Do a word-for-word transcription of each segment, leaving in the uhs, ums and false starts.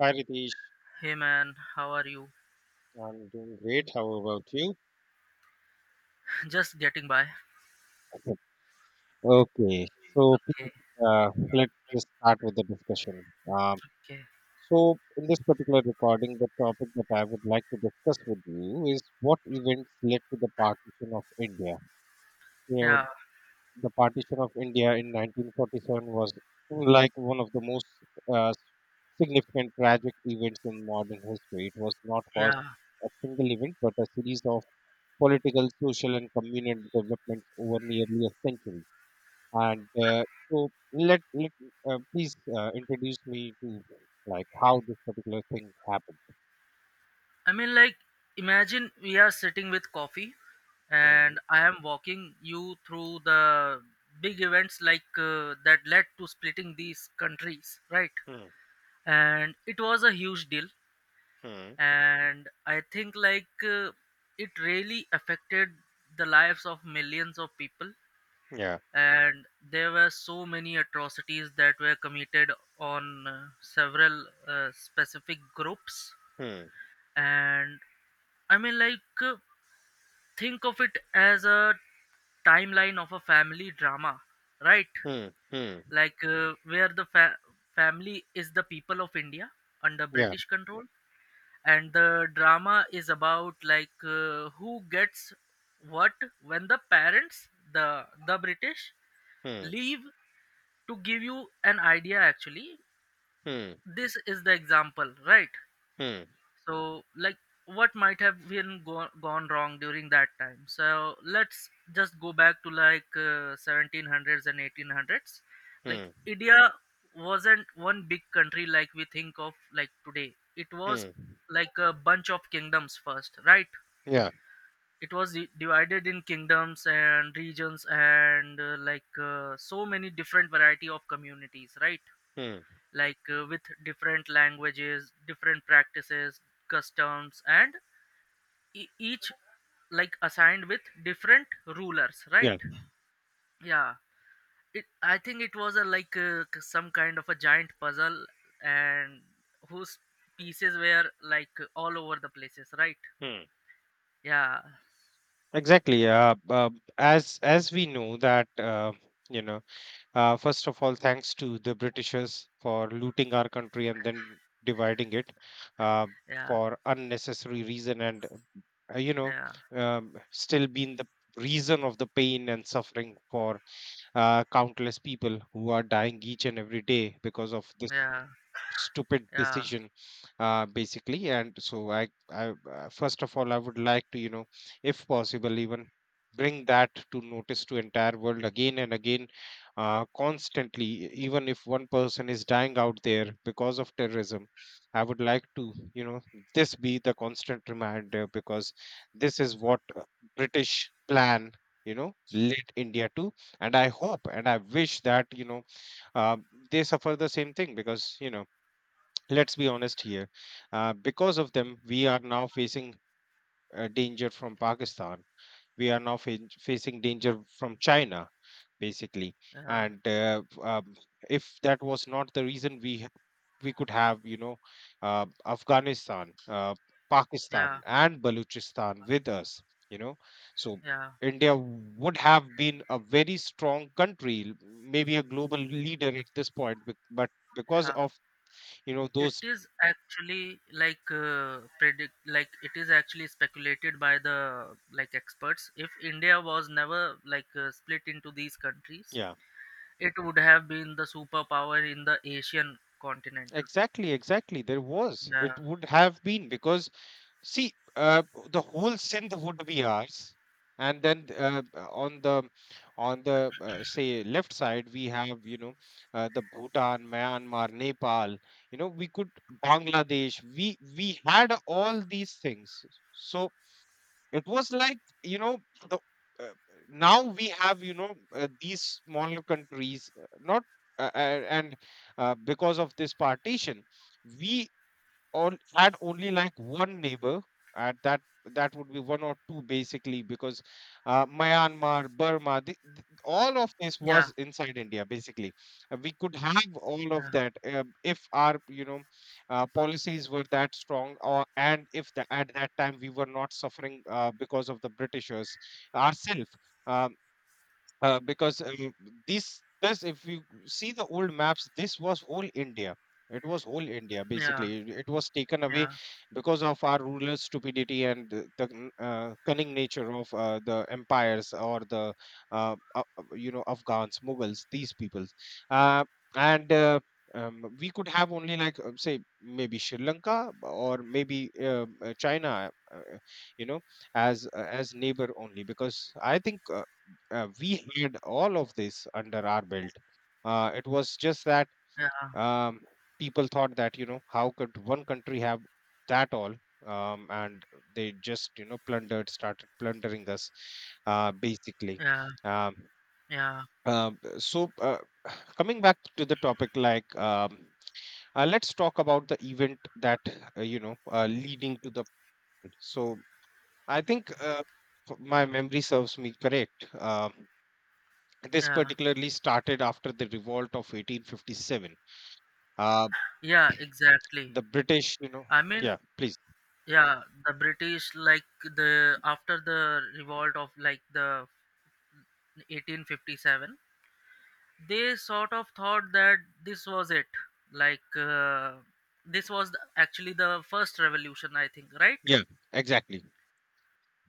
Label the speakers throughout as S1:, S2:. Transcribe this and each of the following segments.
S1: Hi Ritesh,
S2: Hey man, how are you?
S1: I'm doing great. How about you?
S2: Just getting by.
S1: Okay, so
S2: Okay,
S1: please, uh, let's just start with the discussion. Um,
S2: okay.
S1: so, in this particular recording, the topic that I would like to discuss with you is what events led to the partition of India. You know,
S2: Yeah,
S1: the partition of India in nineteen forty-seven was like one of the most uh, significant tragic events in modern history. It was not caused
S2: yeah.
S1: a single event, but a series of political, social, and communal developments over nearly a century. And uh, so, let let uh, please uh, introduce me to like how this particular thing happened.
S2: I mean, like, imagine we are sitting with coffee
S1: Hmm.
S2: and I am walking you through the big events like uh, that led to splitting these countries, right?
S1: Hmm.
S2: And it was a huge deal.
S1: Hmm.
S2: And I think, like, uh, it really affected the lives of millions of people,
S1: Yeah.
S2: and there were so many atrocities that were committed on uh, several uh, specific groups.
S1: Hmm.
S2: And I mean, like, uh, think of it as a timeline of a family drama, right?
S1: Hmm. Hmm.
S2: Like, uh, where the fa- family is the people of India under
S1: Yeah.
S2: British control, and the drama is about, like, uh, who gets what when the parents, the the British,
S1: Hmm.
S2: leave. To give you an idea, actually,
S1: Hmm.
S2: this is the example, right?
S1: Hmm.
S2: So, like, what might have been go- gone wrong during that time. So let's just go back to, like, uh, seventeen hundreds and eighteen hundreds. Like,
S1: Hmm.
S2: India wasn't one big country like we think of like today. It was
S1: Hmm.
S2: like a bunch of kingdoms first, right?
S1: Yeah.
S2: It was di- divided in kingdoms and regions and, uh, like, uh, so many different variety of communities, right?
S1: Hmm.
S2: Like, uh, with different languages, different practices, customs, and e- each like assigned with different rulers, right?
S1: Yeah.
S2: Yeah. It i think it was a, like uh, k- some kind of a giant puzzle, and whose pieces were, like, all over the places, right?
S1: Hmm.
S2: Yeah.
S1: Exactly. Uh, uh, as as we know that, uh, you know Uh, first of all, thanks to the Britishers for looting our country and then dividing it, uh,
S2: Yeah.
S1: for unnecessary reason, and, uh, you know,
S2: Yeah.
S1: um, still being the reason of the pain and suffering for uh, countless people who are dying each and every day because of this
S2: Yeah.
S1: stupid
S2: Yeah.
S1: decision, uh, basically. And so i i uh, first of all, I would like to, you know if possible, even bring that to notice to entire world again and again, uh, constantly. E, even if one person is dying out there because of terrorism, I would like to, you know this be the constant reminder, because this is what, uh, British plan, you know led India to. And I hope and I wish that, you know uh, they suffer the same thing, because, you know let's be honest here. Uh, because of them, we are now facing uh, danger from Pakistan. We are now fa- facing danger from China, basically.
S2: Yeah.
S1: And uh, um, if that was not the reason, we ha- we could have, you know uh, Afghanistan, uh, Pakistan
S2: Yeah.
S1: and Baluchistan with us, you know. So
S2: Yeah.
S1: India would have been a very strong country, l- maybe a global leader at this point, bec- but because
S2: Yeah.
S1: of, you know,
S2: It
S1: those...
S2: is actually, like, uh, predict like it is actually speculated by the, like, experts, if India was never, like, uh, split into these countries,
S1: Yeah.
S2: it would have been the superpower in the Asian continent.
S1: Exactly, exactly. There was.
S2: Yeah.
S1: It would have been, because, see, uh, the whole synth would be ours, and then uh, uh, on the on the uh, say, left side we have, you know uh, the Bhutan, Myanmar, Nepal. You know, we could Bangladesh. We we had all these things. So it was like, you know, the... uh, Now we have, you know uh, these smaller countries, uh, not, uh, uh, and uh, because of this partition, we all had only like one neighbor. And that that would be one or two, basically, because uh, Myanmar, Burma, the, th- all of this was
S2: Yeah.
S1: inside India, basically. Uh, we could have all of that, uh, if our, you know uh, policies were that strong, or and if the, at that time we were not suffering, uh, because of the Britishers ourselves, uh, because, um, this this, if you see the old maps, this was whole India. It was whole India,
S2: Yeah.
S1: basically. It it was taken away
S2: Yeah.
S1: because of our ruler stupidity, and the, the n- uh, cunning nature of uh, the empires, or the, uh, uh, uh, you know Afghans, Mughals, these peoples. Uh, and uh, um, We could have only like, uh, say, maybe Sri Lanka, or maybe, um, uh, China, uh, you know, as uh, as neighbor. Only because I think, uh, uh, we had all of this under our belt. Uh, it was just that,
S2: Yeah.
S1: um, people thought that, you know, how could one country have that all, um, and they just, you know, plundered, started plundering us, uh,
S2: Yeah.
S1: basically.
S2: Yeah.
S1: Um,
S2: Yeah.
S1: um, so uh, Coming back to the topic, like, um, uh, let's talk about the event that, uh, you know uh, leading to the... So I think, uh, f- my memory serves me correct. Um This
S2: Yeah.
S1: particularly started after the revolt of eighteen fifty-seven. Uh,
S2: Yeah. Exactly.
S1: the British, you know...
S2: I mean,
S1: Yeah, please.
S2: yeah, the British, like, the after the revolt of, like, the eighteen fifty-seven, they sort of thought that this was it. Like, uh, this was the- actually the first revolution, I think, right?
S1: Yeah, exactly.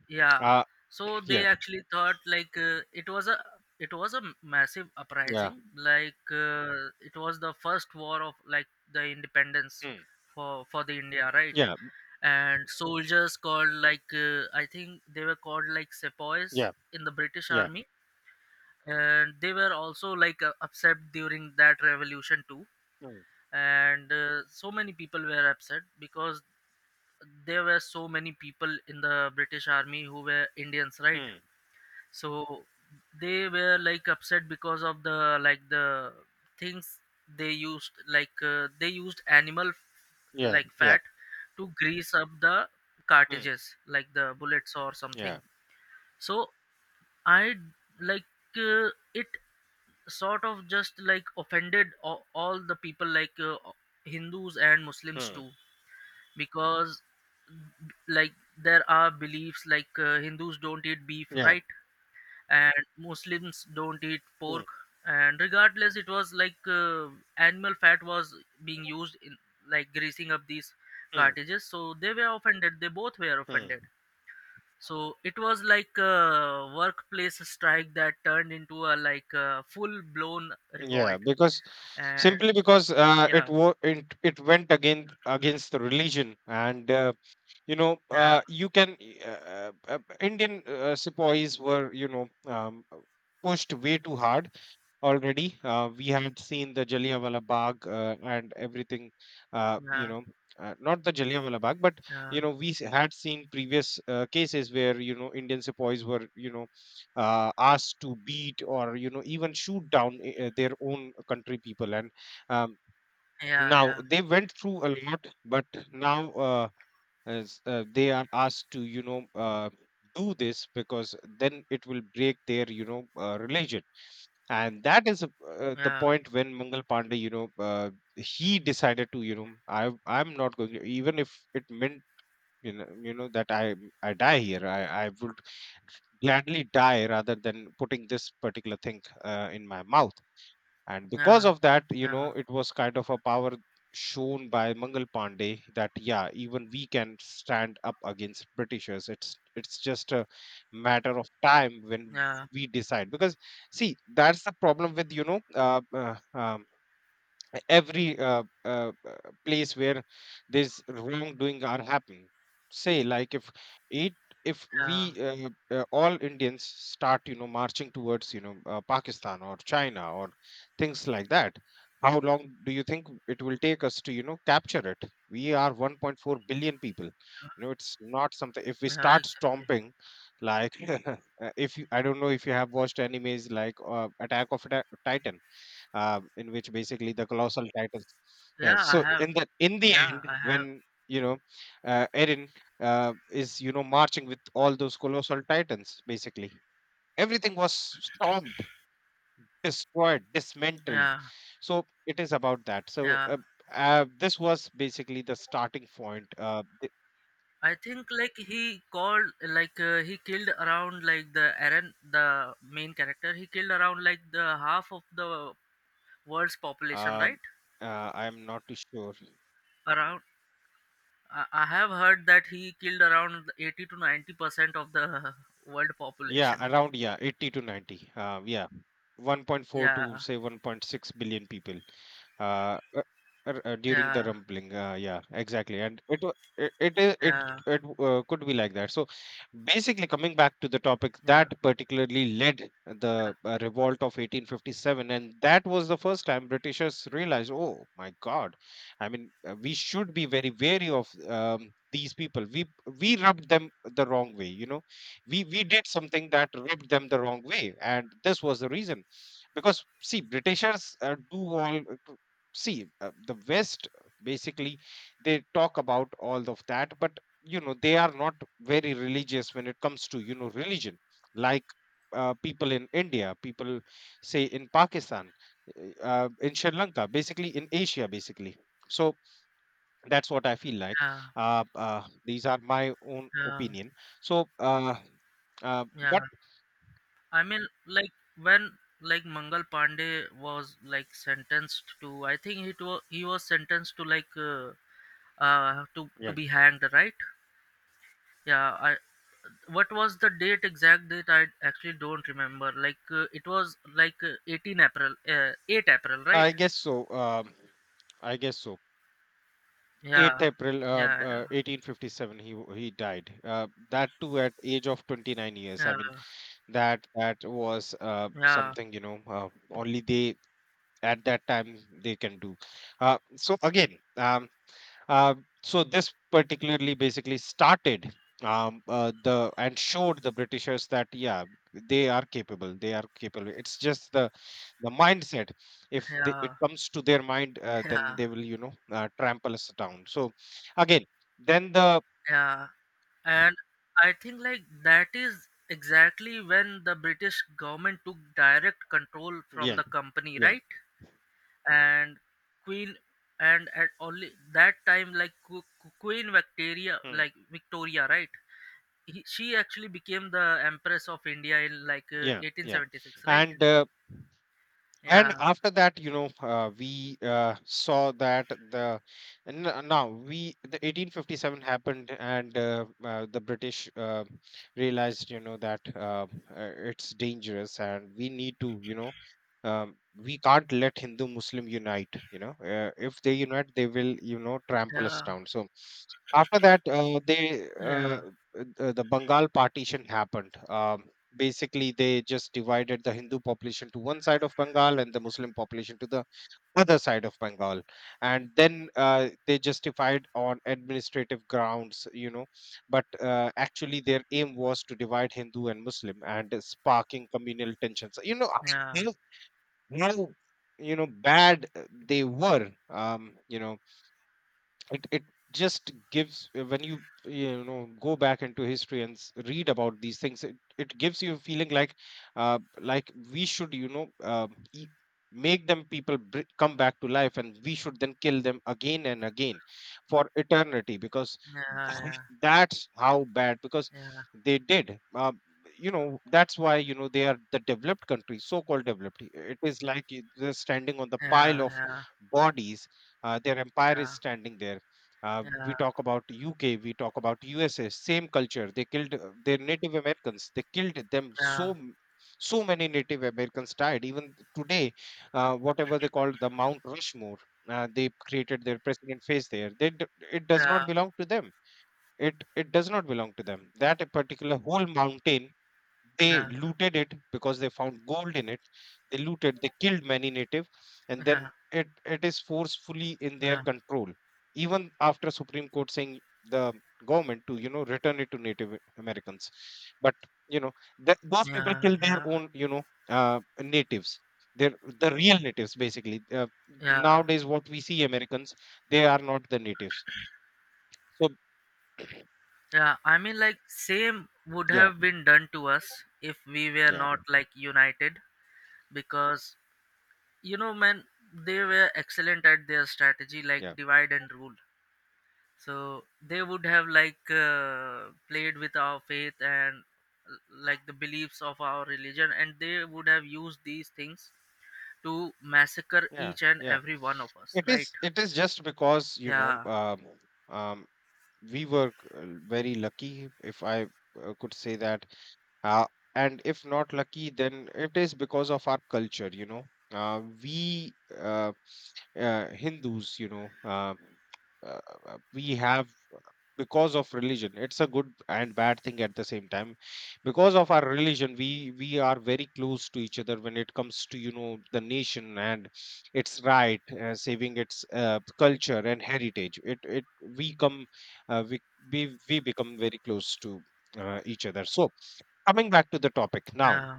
S2: Yeah.
S1: Uh,
S2: So
S1: yeah,
S2: they actually thought, like, uh, it was a, it was a massive
S1: yeah,
S2: uprising, like, uh, it was the first war of, like, the independence
S1: mm,
S2: for for the India, right?
S1: yeah,
S2: And soldiers called, like, uh, I think they were called, like, sepoys
S1: yeah,
S2: in the British
S1: yeah,
S2: army. And they were also, like, uh, upset during that revolution too.
S1: mm,
S2: And uh, so many people were upset because there were so many people in the British army who were Indians, right?
S1: mm,
S2: So they were like upset because of the like the things. They used, like uh, they used animal,
S1: yeah,
S2: like,
S1: yeah,
S2: fat to grease up the
S1: mm,
S2: cartridges, like, the bullets or
S1: yeah,
S2: something. So I like uh, it sort of just like offended all, all the people, like, uh, Hindus and Muslims
S1: mm,
S2: too. Because, like, there are beliefs, like, uh, Hindus don't eat beef,
S1: yeah,
S2: right? And Muslims don't eat pork.
S1: mm,
S2: And regardless, it was, like, uh, animal fat was being used in, like, greasing up these
S1: mm,
S2: cartridges. So they were offended. They both were
S1: mm.
S2: offended. So it was like a workplace strike that turned into a, like, a full blown
S1: Yeah,
S2: revolt.
S1: because
S2: And
S1: simply because, uh, it
S2: yeah.
S1: wo- it it went again against the religion, and, uh, you know,
S2: Yeah.
S1: uh, you can, uh, uh, uh, Indian uh, sepoys were, you know um, pushed way too hard, already. Uh, we had seen the Jallianwala Bagh, uh, and everything, uh, you
S2: Yeah.
S1: know, uh, not the Jallianwala Bagh, but,
S2: Yeah.
S1: you know, we s- had seen previous uh, cases where, you know, Indian sepoys were, you know uh, asked to beat, or, you know, even shoot down uh, their own country people. And, um,
S2: Yeah.
S1: now
S2: Yeah.
S1: they went through a lot, but now. Uh, as, uh, they are asked to, you know uh, do this, because then it will break their, you know uh, religion. And that is, uh, uh, the
S2: Yeah.
S1: point when Mangal Pandey, you know uh, he decided to, you know, I I'm not going to, even if it meant, you know you know that I I die here. I I would gladly die rather than putting this particular thing, uh, in my mouth. And because
S2: Yeah.
S1: of that, you
S2: Yeah.
S1: know, it was kind of a power shown by Mangal Pandey, that yeah, even we can stand up against Britishers. It's it's just a matter of time when
S2: Yeah,
S1: we decide. Because, see, that's the problem with, you know, uh, uh, um, every uh, uh, uh, place where there's wrongdoing are happening. Say, like if it, if
S2: yeah,
S1: we, uh, uh, all Indians start, you know, marching towards, you know uh, Pakistan or China or things like that. How long do you think it will take us to, you know, capture it? We are 1.4 billion people. You know, it's not something if we
S2: yeah,
S1: start
S2: exactly.
S1: stomping, like uh, if you, I don't know if you have watched animes like, uh, attack of titan, um, in which basically the colossal titles. Yeah.
S2: Yeah, I
S1: So
S2: have.
S1: in the in the
S2: Yeah,
S1: end,
S2: I have.
S1: when, you know, uh, Eren uh, is, you know, marching with all those colossal titans. Basically, everything was stormed, destroyed, dismantled.
S2: Yeah,
S1: So it is about that. So
S2: yeah.
S1: uh, uh, this was basically the starting point. Uh, th-
S2: I think, like, he called like uh, he killed around, like, the Aaron, the main character. He killed around, like, the half of the world's population,
S1: uh,
S2: right?
S1: uh, I'm not too sure.
S2: Around. I I have heard that he killed around eighty to ninety percent of the world
S1: Yeah,
S2: population.
S1: around yeah, eighty to ninety. Uh, yeah, one point four to
S2: Yeah,
S1: say one point six billion people. uh, uh, r- uh, During the
S2: yeah,
S1: rumbling, uh, yeah, exactly. And it wa- it it I- it,
S2: yeah,
S1: it uh, could be like that. So basically, coming back to the topic
S2: yeah,
S1: that particularly led the, uh, revolt of eighteen fifty-seven, and that was the first time Britishers realized, oh my god, I mean, uh, we should be very wary of, um, these people. We we rubbed them the wrong way, you know, we we did something that rubbed them the wrong way. And this was the reason, because, see, Britishers uh, do all, uh, see, uh, the West, uh, basically, they talk about all of that, but you know, they are not very religious when it comes to, you know, religion. Like, uh, people in India, people, say, in Pakistan, uh, uh, in Sri Lanka, basically in Asia, basically. So that's what I feel like.
S2: yeah, yeah,
S1: Uh, uh, these are my own
S2: yeah,
S1: opinion. So uh, uh, but
S2: yeah. I mean, like, when, like, Mangal Pandey was, like, sentenced to, I think it was he was sentenced to, like, uh, uh to to
S1: yeah,
S2: be hanged, right? Yeah. I what was the date, exact date? I actually don't remember. Like, uh, it was, like, uh, eighteenth April, uh, eighth April, right?
S1: I guess so. um, I guess so.
S2: Yeah.
S1: eighth April, uh,
S2: Yeah. Yeah.
S1: uh, eighteen fifty-seven, he w- he died, uh, that too, at age of twenty-nine years, I mean,
S2: Yeah.
S1: that that was, uh,
S2: Yeah.
S1: something, you know, uh, only they, at that time, they can do. Uh, so again, um, uh, so this particularly basically started, um, uh, the... and showed the Britishers that yeah, they are capable, they are capable. It's just the the mindset. If they, it
S2: Yeah.
S1: comes to their mind, uh, then
S2: Yeah.
S1: they will, you know, uh, trample us down. So, again, then the...
S2: Yeah. And I think, like, that is exactly when the British government took direct control from
S1: Yeah,
S2: the company,
S1: yeah,
S2: right? And Queen and at only that time, like, Qu- Qu- Queen Victoria,
S1: hmm,
S2: like, Victoria, right? He, she actually became the Empress of India in, like, uh,
S1: yeah, yeah.
S2: eighteen seventy-six, right?
S1: And uh, and
S2: Yeah.
S1: after that, you know, uh, we, uh, saw that the, and n- uh, now we, the eighteen fifty-seven happened, and, uh, uh, the British, uh, realized, you know, that, uh, uh, it's dangerous and we need to, you know um, we can't let Hindu Muslim unite, you know, uh, if they unite, they will, you know, trample us
S2: Yeah.
S1: down. So after that, uh, they, uh,
S2: Yeah.
S1: uh, the Bengal partition happened. Um basically, they just divided the Hindu population to one side of Bengal and the Muslim population to the other side of Bengal, and then, uh, they justified on administrative grounds, you know. But uh, actually their aim was to divide Hindu and Muslim, and, uh, sparking communal tensions. You know how, how, you know, bad, uh, they were. um, you know it it just gives, uh, when you you know go back into history and, s- read about these things, it, it gives you a feeling like, uh like we should, you know, um, e- make them people, br- come back to life, and we should then kill them again and again for eternity, because
S2: Yeah.
S1: that's how bad, because
S2: Yeah.
S1: they did. Uh, you know, that's why, you know, they are the developed countries, so-called developed. It is like it- they're standing on the pile of
S2: Yeah.
S1: bodies. Uh, their empire is
S2: Yeah.
S1: standing there. Uh, we
S2: Yeah.
S1: talk about U K, we talk about U S A, same culture. They killed uh, their Native Americans. They killed them
S2: Yeah.
S1: so m- so many Native Americans died. Even today, uh, whatever they called the Mount Rushmore, uh, they created their president face there. They d- it
S2: Yeah.
S1: does
S2: Yeah.
S1: not belong to them, it it does not belong to them. That a particular whole mountain, they
S2: Yeah. Yeah. Yeah.
S1: looted it because they found gold in it. They looted, they killed many native, and then
S2: Yeah,
S1: it it is forcefully in their
S2: yeah,
S1: control, even after Supreme Court saying the government to, you know, return it to Native Americans. But, you know, that those people
S2: yeah.
S1: kill their
S2: Yeah.
S1: own, you know, uh, natives. They're the real natives, basically. Uh,
S2: Yeah,
S1: nowadays what we see, Americans, they are not the natives. So
S2: yeah. I mean, like, same would
S1: yeah,
S2: have been done to us if we were
S1: yeah,
S2: not, like, united, because, you know, man, they were excellent at their strategy, like
S1: yeah.
S2: divide and rule. So they would have, like, uh, played with our faith and, uh, like, the beliefs of our religion, and they would have used these things to massacre
S1: Yeah,
S2: each and
S1: yeah.
S2: every one of us,
S1: It
S2: right?
S1: is. It is just because, you know,
S2: Yeah,
S1: um, um, we were uh, very lucky, if I uh, could say that. Uh, and if not lucky, then it is because of our culture. You know, uh, we uh, uh, Hindus, you know, uh, uh, uh, we have, because of religion, it's a good and bad thing at the same time. Because of our religion, we we are very close to each other when it comes to, you know, the nation and its right, uh, saving its uh, culture and heritage. It it we come, uh, we, we we become very close to uh, each other. So coming back to the topic now,
S2: yeah,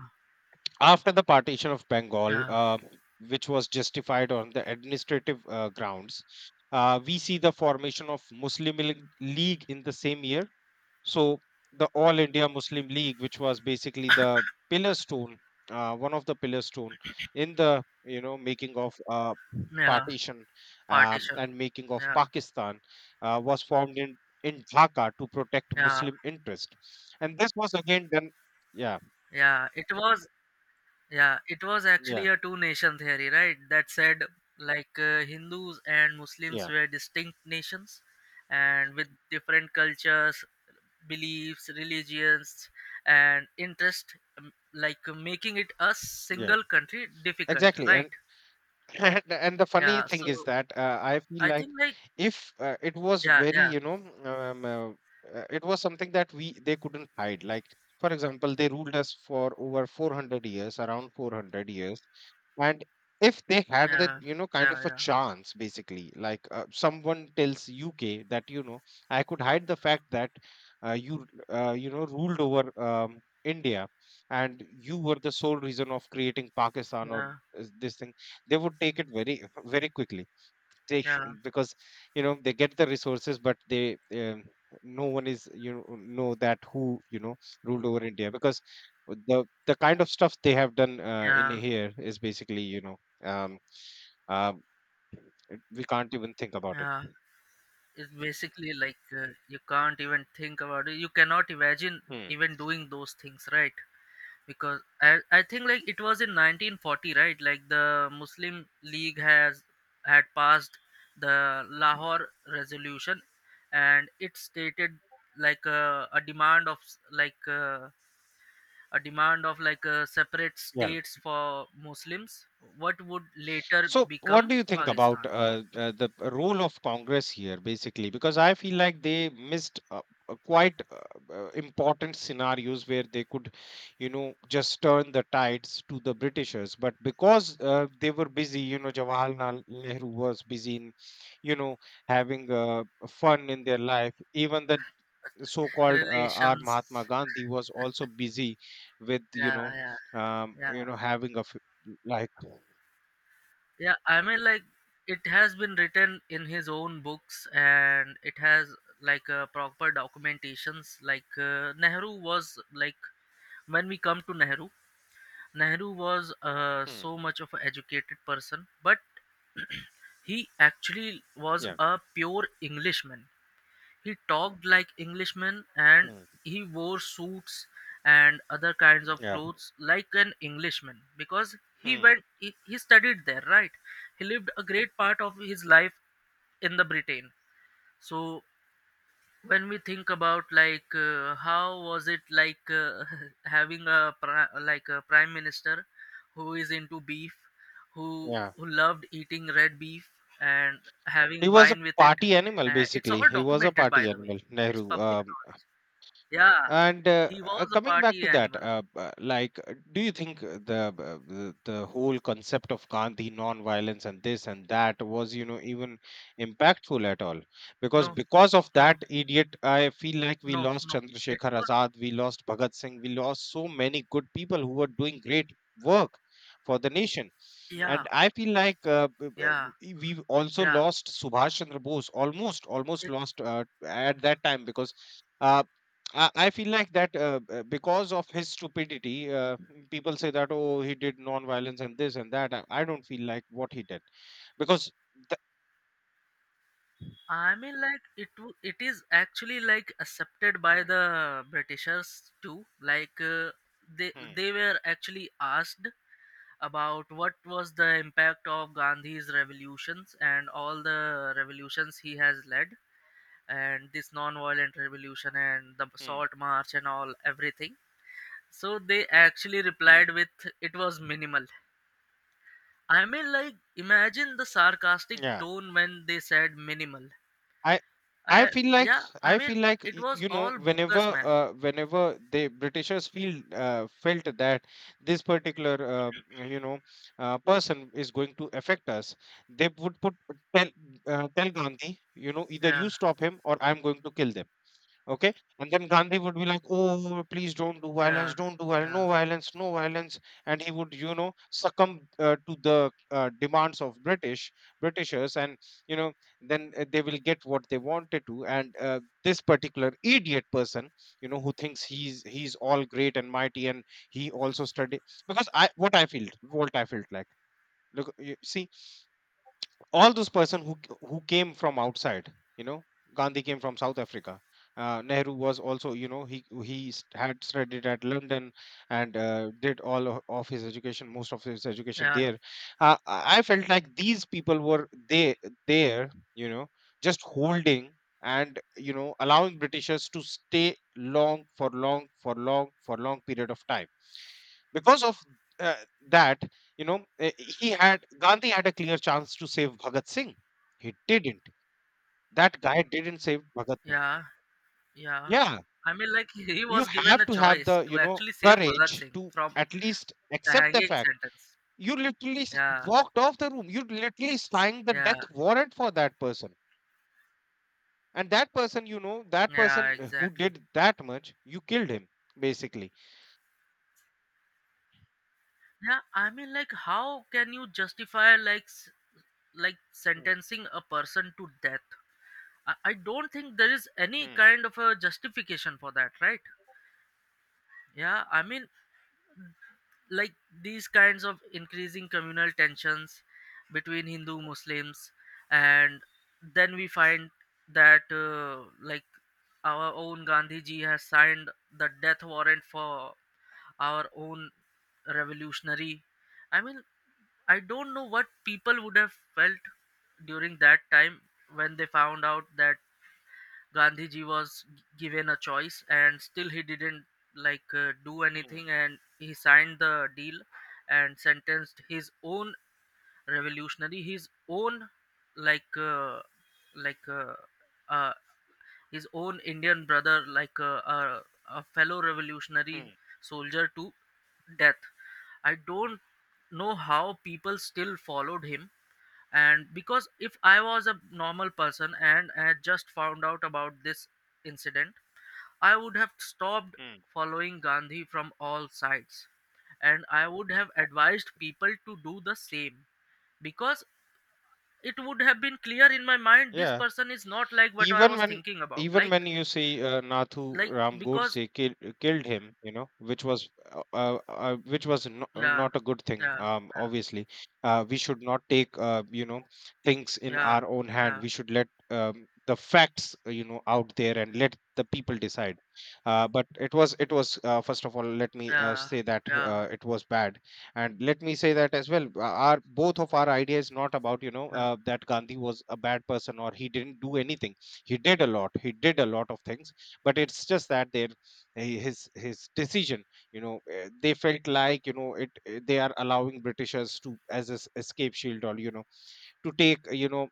S1: after the partition of Bengal,
S2: yeah,
S1: uh, which was justified on the administrative uh, grounds, uh, we see the formation of Muslim League League in the same year. So the All India Muslim League, which was basically the pillar stone, uh, one of the pillar stone in the, you know, making of uh,
S2: yeah.
S1: partition, um,
S2: Partition.
S1: and making of
S2: Yeah,
S1: Pakistan, uh, was formed in in Dhaka to protect
S2: yeah,
S1: Muslim interest, and this was again done. Yeah,
S2: yeah. It was Yeah, it was actually
S1: yeah,
S2: a two nation theory, right? That said, like, uh, Hindus and Muslims
S1: yeah,
S2: were distinct nations and with different cultures, beliefs, religions, and interest, um, like, uh, making it a
S1: yeah,
S2: single country difficult,
S1: exactly. And
S2: right?
S1: And, and the funny
S2: Yeah,
S1: thing is
S2: so
S1: that, uh, I feel
S2: I
S1: like
S2: think, like,
S1: if uh, it was
S2: yeah,
S1: very,
S2: yeah,
S1: you know, um, uh, uh, it was something that we they couldn't hide. Like, for example, they ruled us for over four hundred years, around four hundred years. And if they had that,
S2: yeah,
S1: you know, kind of a
S2: yeah,
S1: chance, basically, like, uh, someone tells U K that, you know, I could hide the fact that uh, you, uh, you know, ruled over um, India and you were the sole reason of creating Pakistan or
S2: yeah,
S1: uh, this thing, they would take it very very quickly. they
S2: yeah,
S1: sh-
S2: yeah,
S1: because, you know, they get the resources, but they, um, no one is, you know know that who, you know, ruled over India, because the the kind of stuff they have done uh, in
S2: yeah,
S1: here is basically, you know, um, um, we can't even think about it.
S2: yeah. It's basically, like, uh, you can't even think about it. You cannot imagine
S1: Hmm.
S2: even doing those things, right? Because I, I think, like, it was in nineteen forty, right? Like, the Muslim League has had passed the Lahore resolution, and it stated, like, uh, a demand of s- like uh, a demand of, like, uh, separate
S1: Yeah.
S2: states for Muslims, what would later
S1: So, what
S2: become
S1: do you think about
S2: Pakistan.
S1: uh, uh, the role of Congress here, basically? Because I feel like they missed uh, uh, quite uh, uh, important scenarios where they could, you know, just turn the tides to the Britishers. But because uh, they were busy, you know, Jawaharlal Nehru was busy in, you know, having uh, fun in their life. Even the so-called uh, R.
S2: Relations.
S1: Mahatma Gandhi was also busy with, you
S2: Yeah,
S1: know,
S2: yeah,
S1: um,
S2: yeah.
S1: you know, having a f- like,
S2: Yeah, I mean, like, it has been written in his own books and it has, like, uh, proper documentations. Like, uh, Nehru was, like, when we come to Nehru, Nehru was uh,
S1: hmm,
S2: so much of an educated person, but he actually was
S1: yeah.
S2: a pure Englishman. He talked like Englishman, and
S1: Mm,
S2: he wore suits and other kinds of
S1: yeah.
S2: clothes like an Englishman because he
S1: Mm,
S2: went he, he studied there, right? He lived a great part of his life in the Britain. So when we think about, like, uh, how was it, like, uh, having a pri- like a prime minister who is into beef, who
S1: yeah.
S2: who loved eating red beef and
S1: He
S2: having
S1: was a
S2: wine with it,
S1: party animal,
S2: uh, it's
S1: basically.
S2: all
S1: He was a
S2: documented, by
S1: party
S2: the way,
S1: animal,
S2: it's
S1: Nehru.
S2: public
S1: Um,
S2: knowledge. Yeah,
S1: And uh,
S2: he
S1: uh,
S2: was a
S1: coming back
S2: party
S1: to that,
S2: animal.
S1: uh, uh, like, uh, do you think uh, the uh, the the whole concept of Gandhi, non-violence, and this and that was, you know, even impactful at all? Because
S2: No,
S1: because of
S2: no,
S1: that idiot, I feel like we
S2: no,
S1: lost
S2: no, it
S1: Chandrasekhar
S2: was,
S1: Azad, we lost Bhagat Singh, we lost so many good people who were doing great work for the nation.
S2: yeah,
S1: And I feel like uh, b- b-
S2: yeah,
S1: we we also
S2: yeah,
S1: lost Subhash Chandra Bose, almost almost
S2: it.
S1: lost uh, at that time because. uh, I, I feel like that uh, uh, because of his stupidity, uh, people say that, oh, he did non-violence and this and that. I, I don't feel like what he did because the,
S2: I mean, like it. w- it is actually, like, accepted by
S1: hmm,
S2: the Britishers too. Like, uh, they
S1: hmm,
S2: they were actually asked about what was the impact of Gandhi's revolutions and all the revolutions he has led, and this non-violent revolution and the
S1: hmm,
S2: salt march and all everything. So they actually replied
S1: hmm.
S2: with it was minimal. I mean, like, imagine the sarcastic
S1: Yeah,
S2: tone when they said minimal.
S1: I I
S2: I
S1: feel like,
S2: yeah, I
S1: I feel
S2: mean,
S1: like
S2: it
S1: y-
S2: was
S1: you know,
S2: all
S1: whenever
S2: bogus, man.
S1: uh, whenever the Britishers feel uh, felt that this particular, um, you know, uh, person is going to affect us, they would put tell uh, tell Gandhi, you know, either
S2: Yeah,
S1: you stop him or I'm going to kill them. Okay. And then Gandhi would be like, oh, please don't do
S2: yeah,
S1: violence, don't do violence,
S2: yeah,
S1: no violence, no violence. And he would, you know, succumb uh, to the uh, demands of British, Britishers. And, you know, then uh, they will get what they wanted to. And uh, this particular idiot person, you know, who thinks he's he's all great and mighty, and he also studied because I what I felt, what I felt like. Look, you see, all those person who who came from outside, you know, Gandhi came from South Africa. Uh, nehru was also, you know, he he s- had studied at London and uh, did all o- of his education, most of his education
S2: yeah,
S1: there. uh, i I felt like these people were they there you know, just holding and, you know, allowing Britishers to stay long, for long, for long, for long period of time because of, uh, that you know, uh, he had, Gandhi had a clear chance to save Bhagat Singh. He didn't. That guy didn't save Bhagat Singh.
S2: yeah, yeah.
S1: Yeah.
S2: I mean, like, he he
S1: You
S2: was given
S1: have
S2: a
S1: to have
S2: choice
S1: the,
S2: to
S1: you know,
S2: actually save Bhagat
S1: courage
S2: Singh
S1: to
S2: from
S1: at least
S2: the
S1: accept the
S2: hanging
S1: fact.
S2: sentence.
S1: you literally s-
S2: Yeah,
S1: walked off the room, you literally signed the
S2: yeah,
S1: death warrant for that person. And that person, you know, that
S2: yeah,
S1: person uh, who
S2: exactly.
S1: did that much, you killed him basically.
S2: Yeah, I mean, like, how can you justify like s- like
S1: Hmm,
S2: sentencing a person to death? I, I don't think there is any
S1: hmm,
S2: kind of a justification for that, right? Yeah, I mean, like, these kinds of increasing communal tensions between Hindu Muslims, and then we find that, uh, like, our own Gandhi ji has signed the death warrant for our own revolutionary. I mean, I don't know what people would have felt during that time when they found out that Gandhiji was given a choice, and still he didn't, like, uh, do
S1: hmm,
S2: anything, and he signed the deal and sentenced his own revolutionary, his own, like uh, like uh, uh, his own Indian brother, like, uh, uh, a fellow revolutionary
S1: hmm,
S2: soldier, to death. I don't know how people still followed him, and because if I was a normal person and I had just found out about this incident, I would have stopped
S1: hmm.
S2: following Gandhi from all sides, and I would have advised people to do the same, because it would have been clear in my mind this
S1: Yeah,
S2: person is not like what I
S1: even
S2: was
S1: when,
S2: thinking about,
S1: even
S2: like.
S1: when you say, uh, Nathu
S2: Like
S1: Ram
S2: because
S1: Godse kill, killed him, you know, which was uh, uh, uh, which was no, uh,
S2: Yeah,
S1: not a good thing.
S2: yeah,
S1: Um, obviously, uh, we should not take uh, you know, things in
S2: yeah,
S1: our own hand.
S2: yeah,
S1: We should let, um, the facts, uh, you know, out there, and let the people decide. Uh, but it was it was uh, First of all, let me uh,
S2: yeah,
S1: say that
S2: yeah,
S1: uh, it was bad, and let me say that as well. uh, Our, both of our ideas not about, you know,
S2: yeah,
S1: uh, that Gandhi was a bad person or he didn't do anything. He did a lot he did a lot of things, but it's just that their eh, his his decision, you know, eh, they felt like, you know, it eh, they are allowing Britishers to as a s- escape shield, or you know, to take, you know,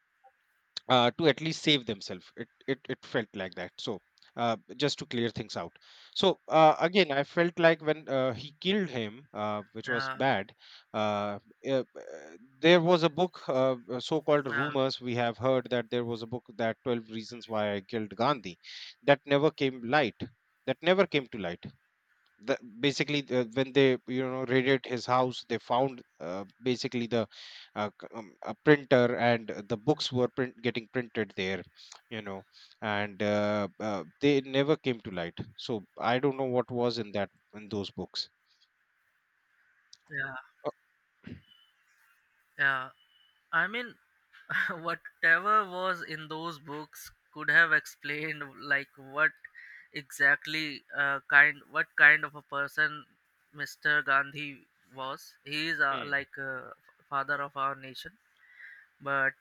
S1: uh, to at least save themselves. It, it it felt like that. So uh, just to clear things out. So uh, again, I felt like when uh, he killed him, uh, which was
S2: yeah,
S1: bad. Uh, uh, uh, there was a book, uh, uh, so-called,
S2: yeah,
S1: rumors we have heard that there was a book that twelve Reasons Why I Killed Gandhi, that never came light. That never came to light. the, basically uh, when they, you know, raided his house, they found, uh, basically the, uh, c- um, a printer, and the books were print, getting printed there, you know. And uh, uh, they never came to light, so I don't know what was in that, in those books.
S2: yeah,
S1: Uh,
S2: yeah. I mean, whatever was in those books could have explained, like, what exactly, uh, kind what kind of a person Mister Gandhi was. He is, uh,
S1: hmm,
S2: like, uh, father of our nation, but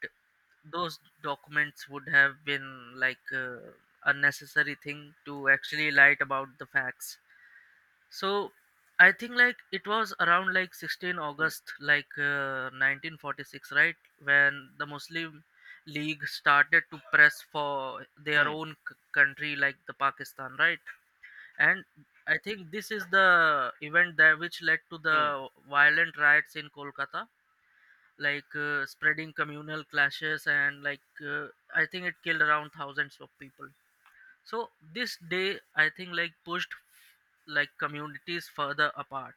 S2: those documents would have been, like, uh, unnecessary thing to actually light about the facts. So I think, like, it was around, like, 16
S1: hmm,
S2: August like, uh, nineteen forty-six, right? When the Muslim League started to press for their
S1: hmm,
S2: own c- country, like, the Pakistan, right? And I think this is the event that which led to
S1: hmm.
S2: the violent riots in Kolkata, like, uh, spreading communal clashes and, like, uh, I think it killed around thousands of people. So this day I think like pushed, like, communities further apart.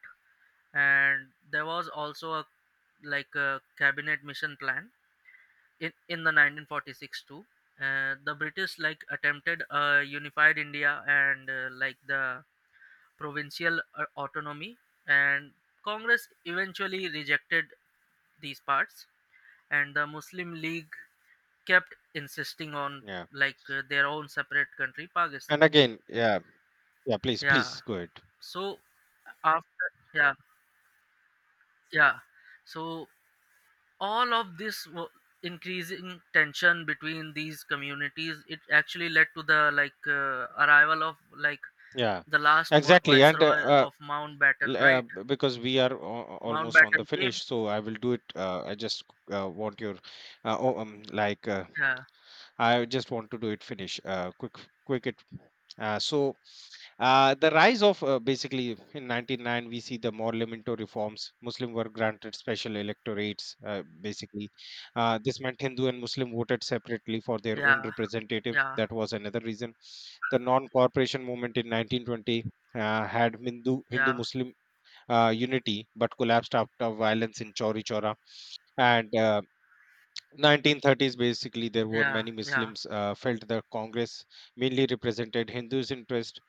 S2: And there was also a, like, a cabinet mission plan in, in the nineteen forty-six too. Uh, the British like attempted a unified India, and, uh, like, the provincial, uh, autonomy, and Congress eventually rejected these parts, and the Muslim League kept insisting on,
S1: Yeah,
S2: like, uh, their own separate country,
S1: and
S2: Pakistan.
S1: again, yeah, yeah, please,
S2: Yeah,
S1: please go ahead.
S2: so, after, yeah, yeah, so all of this, wa- increasing tension between these communities, it actually led to the, like, uh, arrival of, like,
S1: Yeah,
S2: the last vo-
S1: exactly. And
S2: viceroy
S1: uh,
S2: of
S1: L-
S2: Mountbatten,
S1: uh,
S2: right?
S1: b- because we are al- almost on the
S2: Mountbatten came.
S1: finish, so I will do it, uh, I just uh, want your, uh, oh, um, like, uh,
S2: Yeah,
S1: I just want to do it finish, uh, quick, quick it uh, so uh, the rise of, uh, basically in ninety-nine we see the Morlimento reforms. Muslim were granted special electorates. Uh, basically, uh, this meant Hindu and Muslim voted separately for their own
S2: yeah,
S1: representative.
S2: yeah,
S1: That was another reason. The non-cooperation movement in nineteen twenty uh, had Hindu Hindu
S2: yeah,
S1: Muslim uh, unity but collapsed after violence in Chauri Chora. And uh, nineteen thirties, basically there were
S2: yeah,
S1: many
S2: yeah,
S1: Muslims uh, felt the Congress mainly represented Hindus interest.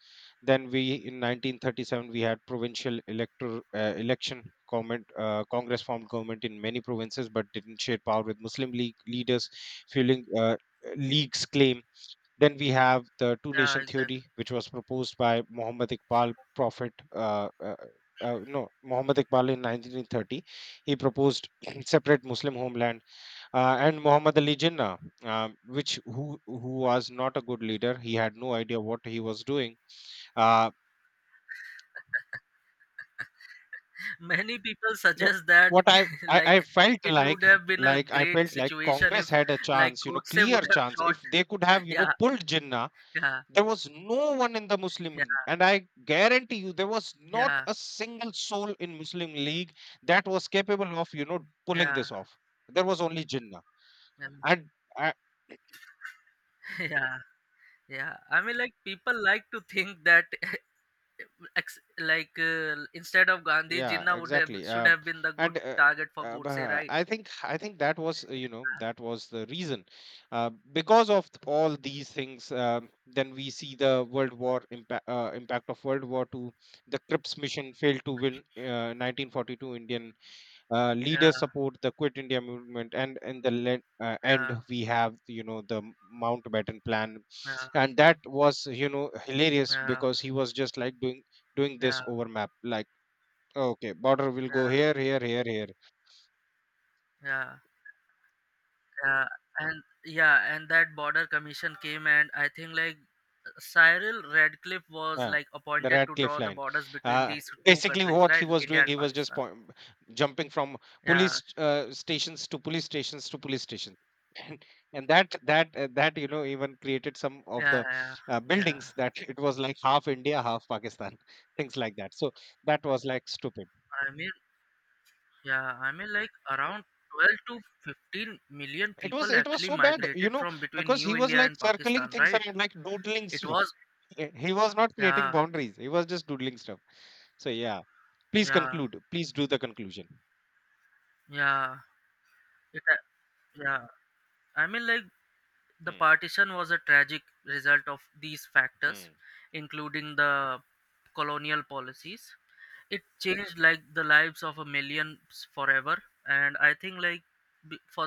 S1: Then we In nineteen thirty-seven we had provincial elector uh, election, government uh, Congress formed government in many provinces but didn't share power with Muslim League leaders, fueling uh, League's claim. Then we have the two
S2: yeah,
S1: nation
S2: exactly.
S1: theory, which was proposed by muhammad iqbal prophet uh, uh, uh, no Muhammad Iqbal in nineteen thirty. He proposed separate Muslim homeland. Uh, and Muhammad Ali Jinnah, uh, which who who was not a good leader. He had no idea what he was doing. Uh,
S2: Many people
S1: no,
S2: suggest that
S1: what I, I
S2: like,
S1: I felt
S2: it would
S1: like
S2: have been a
S1: like I
S2: great
S1: felt like
S2: situation
S1: Congress
S2: if,
S1: had a
S2: like,
S1: chance, you know,
S2: Godse
S1: clear
S2: would have
S1: chance.
S2: shot.
S1: If they could have, you know,
S2: Yeah,
S1: pulled Jinnah,
S2: yeah,
S1: there was no one in the Muslim
S2: yeah,
S1: League, and I guarantee you, there was not
S2: yeah,
S1: a single soul in Muslim League that was capable of, you know, pulling
S2: yeah,
S1: this off. There was only Jinnah,
S2: yeah,
S1: and. uh,
S2: yeah. Yeah, I mean, like, people like to think that, ex- like, uh, instead of Gandhi,
S1: Yeah,
S2: Jinnah would have
S1: exactly.
S2: should
S1: Uh,
S2: have been the good
S1: and uh,
S2: target for
S1: uh,
S2: Godse,
S1: bah-
S2: right?
S1: I think, I think that was, uh, you know, that was the reason. Uh, because of th- all these things, um, then we see the World War impact uh, impact of World War Two. The Crips mission failed to win. Uh, nineteen forty-two Indian uh,
S2: Yeah,
S1: leaders support the Quit India movement, and in the le- uh, end
S2: yeah,
S1: we have, you know, the Mountbatten Plan,
S2: yeah,
S1: and that was, you know, hilarious
S2: yeah,
S1: because he was just like doing doing this
S2: yeah,
S1: over map like, okay, border will go
S2: yeah,
S1: here, here, here, here.
S2: yeah, yeah, and yeah, and that border commission came, and I think, like, Cyril Radcliffe was
S1: Uh,
S2: like
S1: the
S2: appointed to
S1: Radcliffe
S2: draw the
S1: line.
S2: borders between
S1: Uh,
S2: these two
S1: Basically,
S2: countries,
S1: what he
S2: right?
S1: was
S2: India
S1: doing,
S2: and
S1: he was just
S2: Pakistan.
S1: point, jumping from
S2: Yeah,
S1: police uh, stations to police stations to police stations. And, and that that uh, that, you know, even created some of
S2: yeah,
S1: the
S2: yeah,
S1: uh,
S2: yeah.
S1: buildings that it was like half India, half Pakistan, things like that. So that was like stupid.
S2: I mean, yeah, I mean, like, around twelve to fifteen million
S1: It was
S2: people
S1: it was
S2: actually
S1: so bad,
S2: migrated
S1: you know,
S2: from between
S1: because he
S2: New
S1: was
S2: India
S1: like
S2: and
S1: circling
S2: Pakistan,
S1: things
S2: right?
S1: around, like doodling
S2: It
S1: stuff.
S2: was,
S1: He he was not creating
S2: yeah,
S1: boundaries. He was just doodling stuff. So yeah. Please
S2: yeah,
S1: conclude. Please do the conclusion.
S2: yeah, it, a- yeah. I mean, like, the
S1: Hmm,
S2: partition was a tragic result of these factors,
S1: hmm.
S2: including the colonial policies. It changed, like, the lives of a millions forever, and I think, like, b- for